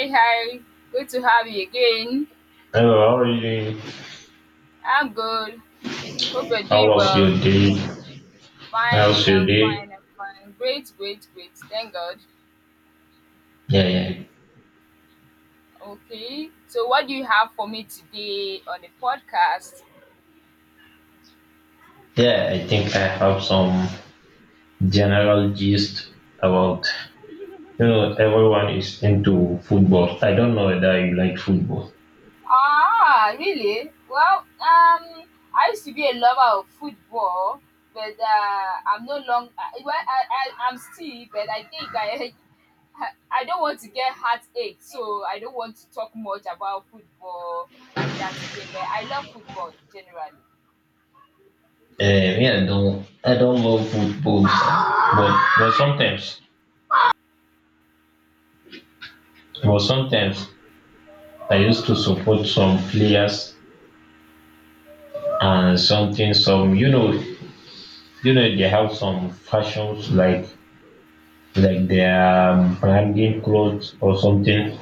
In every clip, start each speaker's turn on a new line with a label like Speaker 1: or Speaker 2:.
Speaker 1: Hey, hi. Good to have you again.
Speaker 2: Hello, how are you doing?
Speaker 1: I'm good. Hope you're
Speaker 2: How
Speaker 1: doing
Speaker 2: was
Speaker 1: well.
Speaker 2: your day?
Speaker 1: Fine,
Speaker 2: How's your
Speaker 1: I'm
Speaker 2: day?
Speaker 1: fine, I'm fine. Great. Thank God.
Speaker 2: Yeah, yeah,
Speaker 1: Okay. So, what do you have for me today on the podcast?
Speaker 2: yeah. I think I have some general gist about everyone is into football. I don't know whether you like football.
Speaker 1: Ah, really? Well, I used to be a lover of football, but I'm no longer. Well, I'm still, but I think I, I don't want to get heartache, so I don't want to talk much about football like that again. But I love football generally.
Speaker 2: Yeah, I don't love football, but sometimes I used to support some players and something some they have some fashions like their branding clothes or something.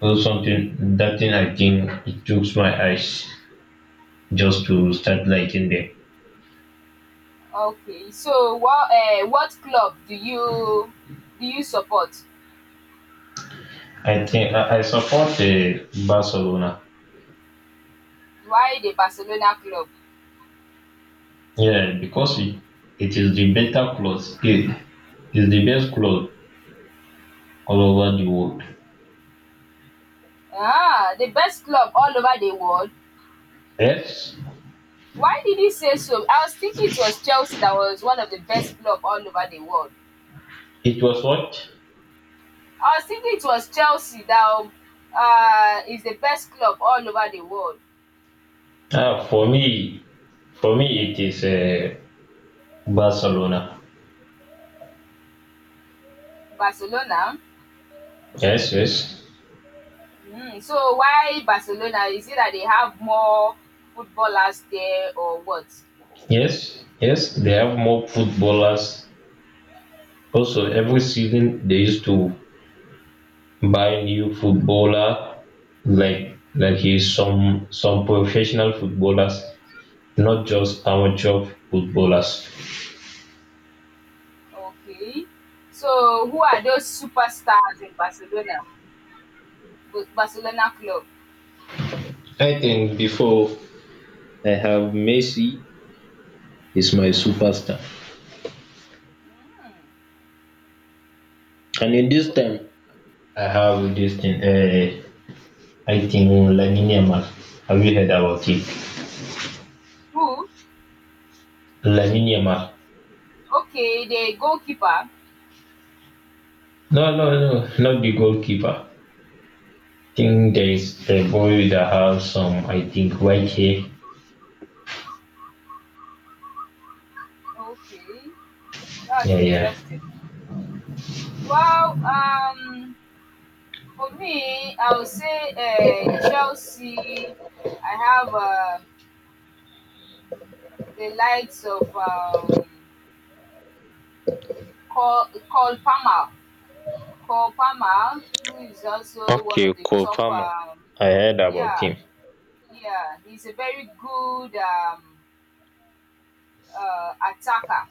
Speaker 2: Well, something, that thing, I think it took my eyes just to start liking them.
Speaker 1: Okay, so what club do you support?
Speaker 2: I support Barcelona.
Speaker 1: Why the Barcelona club?
Speaker 2: Yeah, because it is the better clothes. It is the best clothes all over the world.
Speaker 1: Ah, the best club all over the world.
Speaker 2: Yes,
Speaker 1: Why did you say so? I was thinking it was Chelsea that was one of the best club all over the world.
Speaker 2: it was what?
Speaker 1: I was thinking it was Chelsea that is the best club all over the world.
Speaker 2: Ah, For me, it is Barcelona.
Speaker 1: Barcelona.
Speaker 2: Yes, yes,
Speaker 1: Mm, so why Barcelona? Is it that they have more footballers there or what?
Speaker 2: yes, yes. They have more footballers. Also, every season they used to buy new footballer like he's some professional footballers, not just amateur footballers.
Speaker 1: Okay. So who are those superstars in Barcelona? Barcelona club.
Speaker 2: I think before I have Messi is my superstar,
Speaker 1: Mm.
Speaker 2: and in this time I have this thing, I think Lamine Yamal, have you heard about it?
Speaker 1: Who?
Speaker 2: Lamine Yamal.
Speaker 1: Okay, the goalkeeper.
Speaker 2: No, not the goalkeeper. I think there is a boy that has some, I think, white hair.
Speaker 1: Okay, that's
Speaker 2: Yeah, yeah.
Speaker 1: interesting. Well, for me, I would say Chelsea. I have the likes of Cole Palmer. Cole Palmer, who is also one
Speaker 2: Okay,
Speaker 1: of the
Speaker 2: Cole
Speaker 1: top,
Speaker 2: Palmer. I heard about
Speaker 1: yeah,
Speaker 2: him.
Speaker 1: yeah, he's a very good attacker.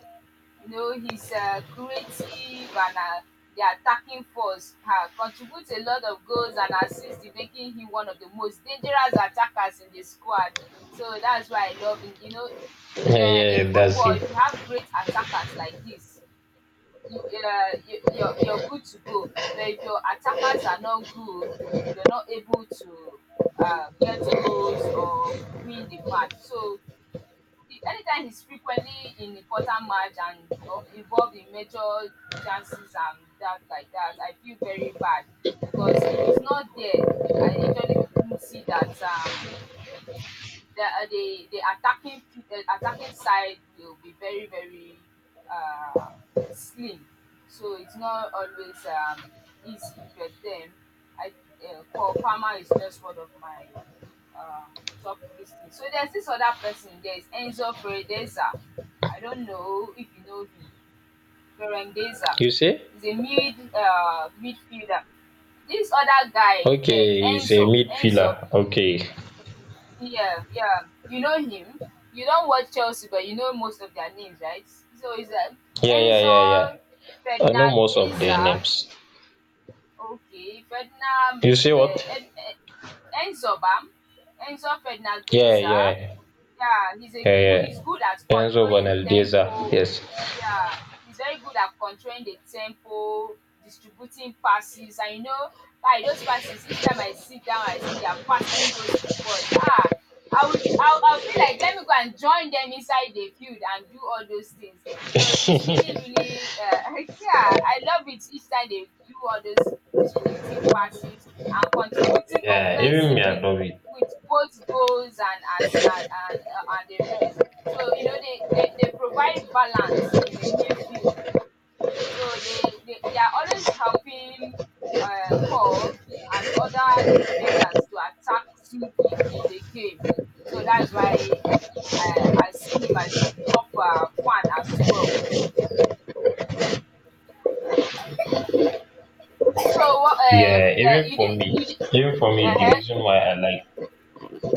Speaker 1: You know, he's creative and the attacking force contributes a lot of goals and assists, in making him one of the most dangerous attackers in the squad. So that's why I love him. You know,
Speaker 2: Yeah, yeah,
Speaker 1: in
Speaker 2: yeah, that's
Speaker 1: football,
Speaker 2: him.
Speaker 1: if you have great attackers like this, you're good to go. But if your attackers are not good, you're not able to get goals or win the match. So anytime he's frequently in important match and involved in major chances and that like that, I feel very bad because if he's not there, I usually see that. Um, the attacking the attacking side will be very uh, slim, so it's not always easy. But then, I Cole Palmer is just one of my um, top listeners. So there's this other person. There's Enzo Fredeza. I don't know if you know him. Ferendeza
Speaker 2: You say?
Speaker 1: is a midfielder. This other guy, yeah,
Speaker 2: Okay, he's a
Speaker 1: Enzo.
Speaker 2: midfielder. Okay.
Speaker 1: Yeah, yeah. You know him. You don't watch Chelsea, but you know most of their names, right? So it's like
Speaker 2: Yeah, yeah, yeah, yeah.
Speaker 1: Enzo,
Speaker 2: I know most of their
Speaker 1: Fernandeza,
Speaker 2: names.
Speaker 1: okay, Ferdinand,
Speaker 2: You say
Speaker 1: uh,
Speaker 2: what?
Speaker 1: En- Enzo Bam, Enzo
Speaker 2: Yeah,
Speaker 1: Fernandeza,
Speaker 2: yeah,
Speaker 1: yeah,
Speaker 2: yeah,
Speaker 1: he's
Speaker 2: yeah.
Speaker 1: good at
Speaker 2: Enzo
Speaker 1: controlling
Speaker 2: Benaldeza.
Speaker 1: tempo.
Speaker 2: Yes.
Speaker 1: Yeah, he's very good at controlling the tempo, distributing passes, and you know, like those passes. Each time I sit down, I see they are passing those footballs. Ah, I'll feel like let me go and join them inside the field and do all those things. So it's really yeah, I love it each time they do all those distributing passes and contributing
Speaker 2: Yeah, even me, I
Speaker 1: offensively
Speaker 2: love it.
Speaker 1: with both goals and as and a rest. So you know they provide balance in the midfield. So they are always helping Cole and other defenders to attack smoothly in the game. So that's why I see him as my top fan as well. So what
Speaker 2: Yeah, even for me,
Speaker 1: you did,
Speaker 2: even for me, the
Speaker 1: uh-huh.
Speaker 2: reason why I like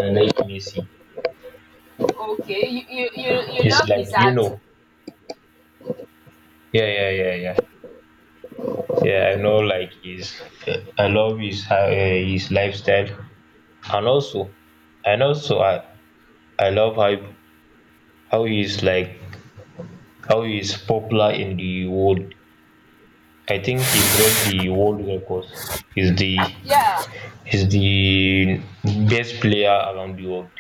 Speaker 2: I like Messi
Speaker 1: Okay, you
Speaker 2: is
Speaker 1: love
Speaker 2: like.
Speaker 1: his art.
Speaker 2: Yeah, yeah, yeah, yeah. Yeah, I know. Like his, I love his lifestyle. And also, and also I I love how he is like how he is popular in the world. I think he break the world records. He's the
Speaker 1: Yeah,
Speaker 2: he's the best player around the world.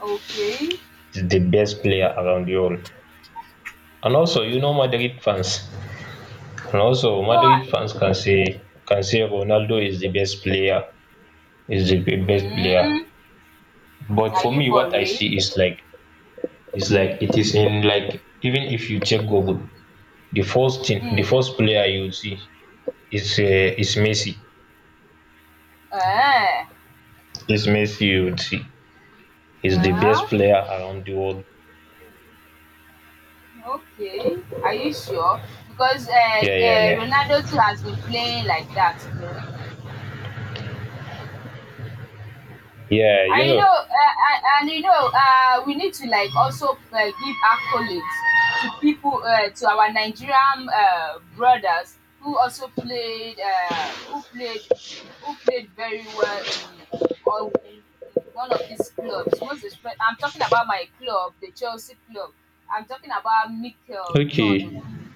Speaker 1: okay.
Speaker 2: He's the best player around the world. And also, you know Madrid fans. And also
Speaker 1: no I,
Speaker 2: Madrid fans can say Ronaldo is the best player. Is the best player.
Speaker 1: Mm.
Speaker 2: But
Speaker 1: Are
Speaker 2: for
Speaker 1: you
Speaker 2: me,
Speaker 1: for
Speaker 2: what I
Speaker 1: real?
Speaker 2: see is like it is in like, even if you check Google, the first thing, the
Speaker 1: Mm,
Speaker 2: first player you will see is Messi.
Speaker 1: eh,
Speaker 2: Is Messi you will see. He's the
Speaker 1: yeah,
Speaker 2: best player around the world.
Speaker 1: okay. Are you sure? Because
Speaker 2: Yeah, yeah, yeah.
Speaker 1: Ronaldo too has been playing like that, you know.
Speaker 2: Yeah, you
Speaker 1: and you
Speaker 2: know.
Speaker 1: know uh, and you know we need to like also give accolades to people to our Nigerian brothers who also played who played who played very well in, in one of these clubs, most especially I'm talking about my club, the Chelsea club. I'm talking about Mikel John
Speaker 2: Okay.
Speaker 1: Obi,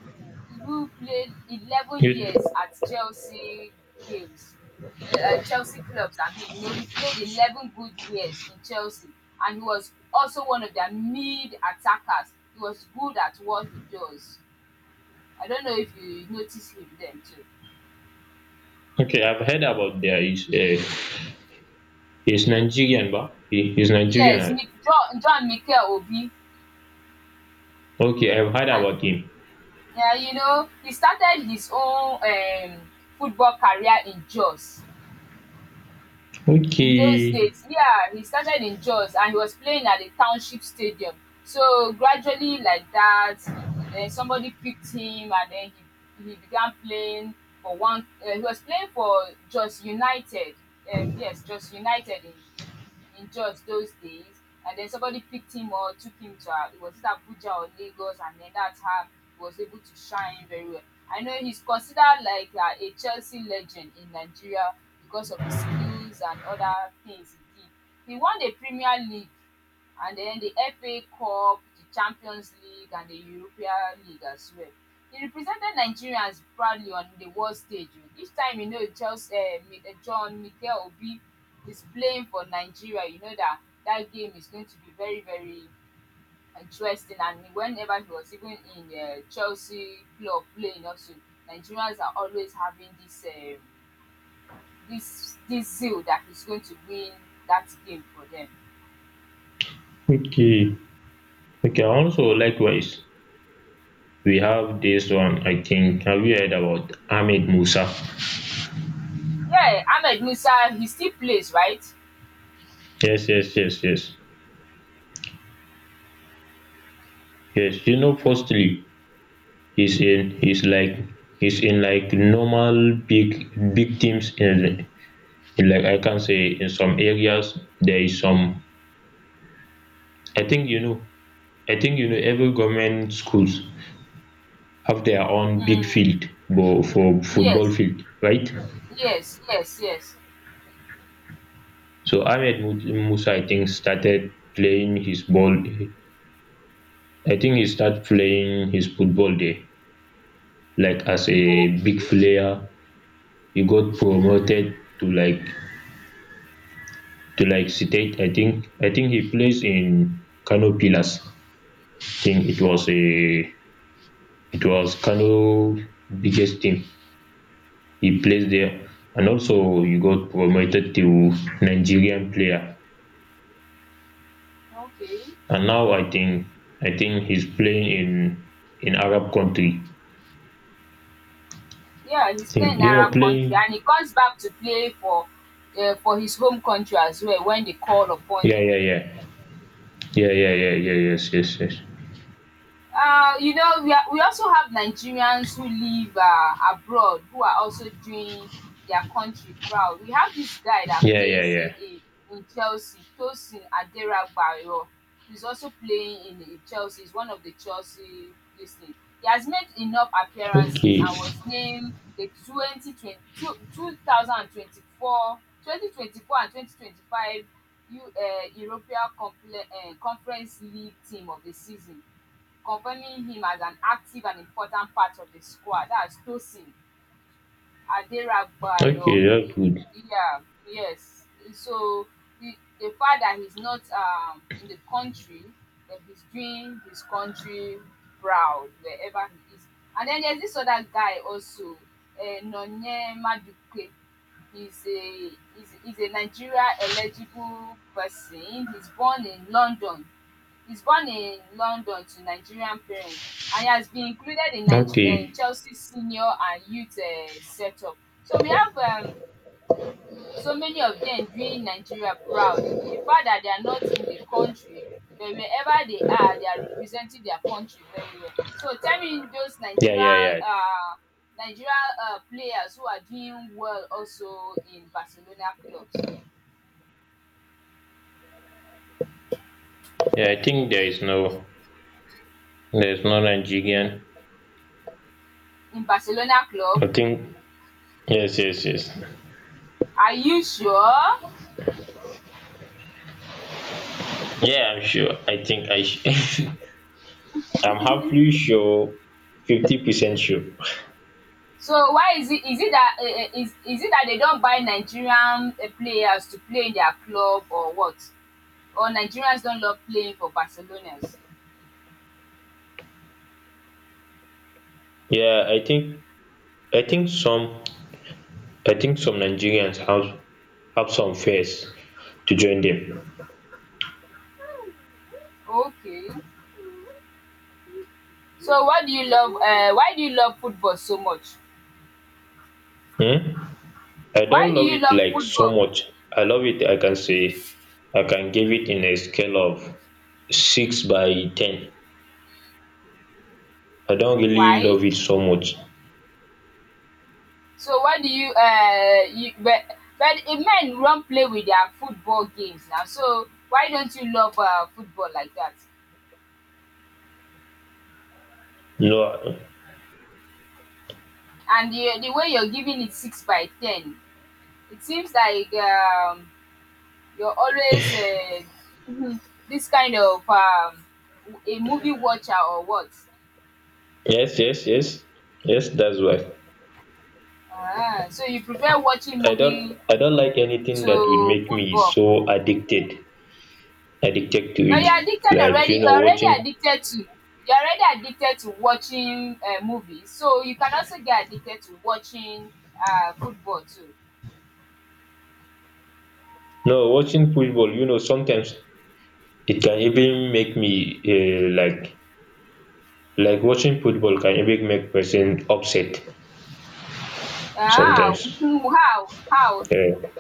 Speaker 1: who played eleven
Speaker 2: You,
Speaker 1: years at Chelsea games Chelsea clubs. I mean, you know, he played 11 good years in Chelsea, and he was also one of their mid attackers. He was good at what he does. I don't know if you noticed him then too.
Speaker 2: okay, I've heard about there is he's Nigerian, but he's Nigerian,
Speaker 1: Yes,
Speaker 2: right?
Speaker 1: Nick, John Mikel Obi.
Speaker 2: Okay, I've heard
Speaker 1: Uh,
Speaker 2: about him.
Speaker 1: yeah, you know, he started his own football career in Jos. In those
Speaker 2: Okay,
Speaker 1: days. Yeah, he started in Jos and he was playing at the township stadium. So gradually like that, then somebody picked him and then he began playing for one he was playing for Jos United. Yes, Jos United in enjoyed those days. And then somebody picked him or took him to was it Abuja or Lagos, and then that's how he was able to shine very well. I know he's considered like a Chelsea legend in Nigeria because of his skills and other things he did. He won the Premier League and then the FA Cup, the Champions League, and the European League as well. He represented Nigerians proudly on the world stage. Oh, each time you know just John Mikel Obi is playing for Nigeria, you know that that game is going to be very interesting. And whenever he was even in Chelsea club playing also, Nigerians are always having this zeal that he's going to win that game for them.
Speaker 2: okay, okay. Also, likewise, we have this one. I think, have you heard about Ahmed Musa?
Speaker 1: Yeah, Ahmed Musa, he still plays, right?
Speaker 2: Yes, yes, yes, yes, yes. You know, firstly, he's in he's like he's in like normal big teams in like, I can say in some areas there is some, I think you know, every government schools have their own big
Speaker 1: Um,
Speaker 2: field for football
Speaker 1: yes
Speaker 2: field, right?
Speaker 1: yes, yes.
Speaker 2: So Musa, I think, started playing his ball. I think he started playing his football there. Like as a big
Speaker 1: Okay.
Speaker 2: player, he got promoted to State. I think he plays in Kano Pillars. I think it was a
Speaker 1: okay
Speaker 2: it was Kano biggest team. He plays there, and also he got promoted to Nigerian player.
Speaker 1: okay
Speaker 2: And now I think he's playing in Arab country.
Speaker 1: yeah,
Speaker 2: I
Speaker 1: he's
Speaker 2: think
Speaker 1: playing in
Speaker 2: you know
Speaker 1: Arab country,
Speaker 2: playing.
Speaker 1: and he comes back to play for his home country as well wen dey call upon
Speaker 2: Yeah,
Speaker 1: him.
Speaker 2: yeah, yeah, yeah, yeah, yeah, yeah. Yes, yes, yes.
Speaker 1: You know, we also have Nigerians who live abroad who are also doing their country proud. We have this guy that
Speaker 2: Yeah, yeah,
Speaker 1: plays
Speaker 2: yeah.
Speaker 1: in Chelsea, Tosin Aderagbayo. He's also playing in Chelsea. He's one of the Chelsea this he has made enough appearances
Speaker 2: Okay,
Speaker 1: and was named the 2020, 2024, 2024 and 2025 European Conference League team of the season, convening him as an active and important part of the squad. That's Tosin
Speaker 2: okay,
Speaker 1: Aderagbayo. He,
Speaker 2: that's good.
Speaker 1: yeah, yes. So the, the fact that he's not in the country, that he's doing his country proud wherever he is. And then there's this other guy also, Nonye Maduke. He's a, he's a Nigeria eligible person. He's born in London. He is born in London to Nigerian parents, and he has been included in
Speaker 2: Okay.
Speaker 1: Chelsea's senior and youth setup. So we have so many of them doing Nigeria proud. The fact that they are not in the country, but wherever they are, they are representing their country very well. So tell me those
Speaker 2: Yeah,
Speaker 1: Nigerian
Speaker 2: yeah, yeah.
Speaker 1: um Nigerian players who are doing well also in Barcelona clubs
Speaker 2: Yeah, I think there is no, there's no Nigerian.
Speaker 1: in Barcelona club.
Speaker 2: I think yes, yes, yes.
Speaker 1: Are you sure?
Speaker 2: Yeah, I'm sure. I think I. Sh- I'm happily sure. 50% sure.
Speaker 1: So why is it that is it that they don't buy Nigerian players to play in their club or what? Or Nigerians don't love playing for Barcelonas?
Speaker 2: Yeah, I think some I think some Nigerians have some fears to join them.
Speaker 1: Okay. So what do you love? Why do you love football so much?
Speaker 2: Hmm? I
Speaker 1: Why
Speaker 2: don't
Speaker 1: do
Speaker 2: love
Speaker 1: you
Speaker 2: it
Speaker 1: love
Speaker 2: like so
Speaker 1: football?
Speaker 2: much. I love it. I can say I can give it in a scale of six by ten. I don't really
Speaker 1: Why?
Speaker 2: love it so much.
Speaker 1: So why do you you but men run play with their football games now. So why don't you love football like that?
Speaker 2: No.
Speaker 1: And the way you're giving it six by ten, it seems like you're always this kind of a movie watcher or what?
Speaker 2: Yes, yes, yes, yes. That's why.
Speaker 1: Ah, so you prefer watching
Speaker 2: i don't.
Speaker 1: movie
Speaker 2: i don't like anything that will
Speaker 1: to
Speaker 2: make me
Speaker 1: football.
Speaker 2: so addicted, addicted to
Speaker 1: But
Speaker 2: it,
Speaker 1: you're addicted
Speaker 2: like
Speaker 1: already.
Speaker 2: you know, watching.
Speaker 1: You're already addicted to watching movies. So you can also get addicted to watching football too.
Speaker 2: No, watching football, you know, sometimes it can even make me, um like like watching football can even make person upset
Speaker 1: Ah,
Speaker 2: sometimes,
Speaker 1: how
Speaker 2: um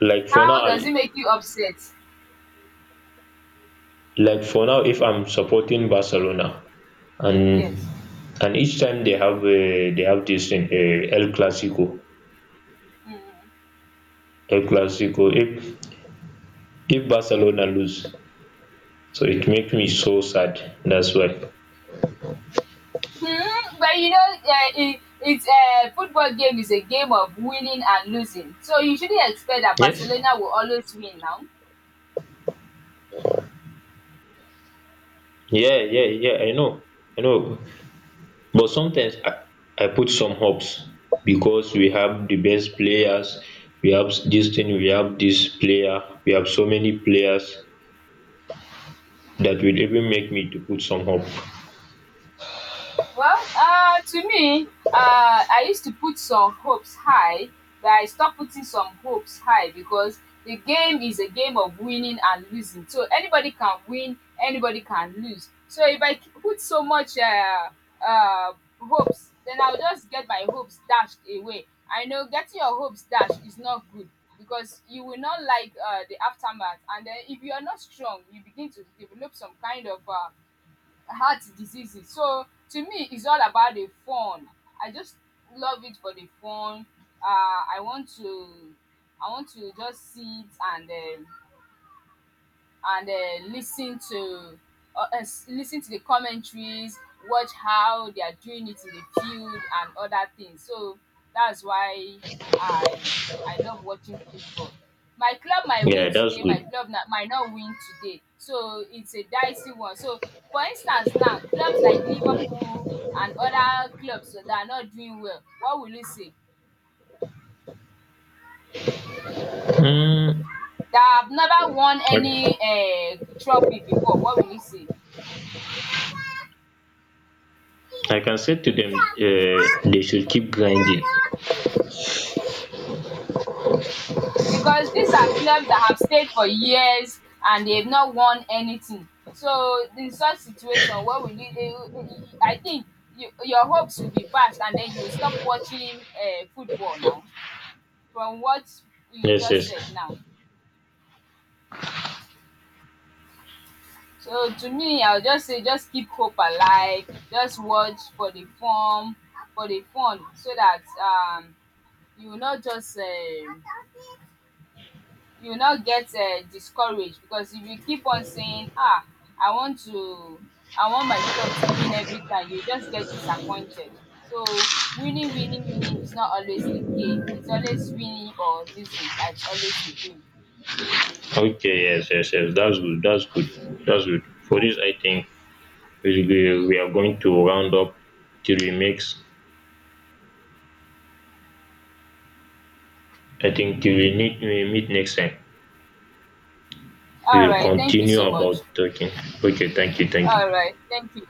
Speaker 2: like for now
Speaker 1: how does it make you upset?
Speaker 2: if I'm supporting Barcelona and,
Speaker 1: Yes.
Speaker 2: each time they have this thing, el clasico. El clasico, if barcelona lose, so it make me so sad. That's why.
Speaker 1: Hmm, but you know, it's a football game is a game of winning and losing. So you shouldn't expect that
Speaker 2: Yes.
Speaker 1: Barcelona will always win now.
Speaker 2: Yeah, yeah, yeah. I know. I know. But sometimes I put some hopes because we have the best players. We have this thing. We have this player. We have so many players that will even make me to put some hope.
Speaker 1: Well, to me, I used to put some hopes high, but I stopped putting some hopes high because the game is a game of winning and losing. So anybody can win, anybody can lose. So if put so much uh, hopes, then I'll just get my hopes dashed away. I know getting your hopes dashed is not good because you will not like the aftermath. And then if you are not strong, you begin to develop some kind of heart diseases. So to me, it's all about the fun. I just love it for the fun. Uh, I want to, I want to just sit and um, and listen to listen to the commentaries, watch how they are doing it in the field and other things. So that's why i I love watching football. My club might win
Speaker 2: Yeah, that's
Speaker 1: today, my
Speaker 2: good.
Speaker 1: club na might not win today, so it's a dicey one. So for instance, now clubs like Liverpool and other clubs that are not doing well, what will you say?
Speaker 2: Hmm.
Speaker 1: They have never won
Speaker 2: I,
Speaker 1: any trophy before, what will you say?
Speaker 2: I can say to them, they should keep grinding.
Speaker 1: Because these are clubs that have stayed for years and they've not won anything. So in such situation, what will you eh, I think your hopes will be dashed, and then you will stop watching football now from what you
Speaker 2: Yes,
Speaker 1: just
Speaker 2: yes.
Speaker 1: said now. So to me, I'll just say just keep hope alive, just watch for the fun so that you will not just you now get discouraged, because if you keep on saying, "Ah, I want to, I want my club to win every time," you just get disappointed. So winning is not always the game. It's always winning or losing that's always the game.
Speaker 2: Okay, yes, yes, yes. That's good. That's good. That's good. For this, I think we are going to round up till we mix. I think till we need we meet next time.
Speaker 1: All
Speaker 2: We will
Speaker 1: right, thank you
Speaker 2: continue
Speaker 1: so much.
Speaker 2: about talking. Okay, thank you, thank you.
Speaker 1: All right, thank you.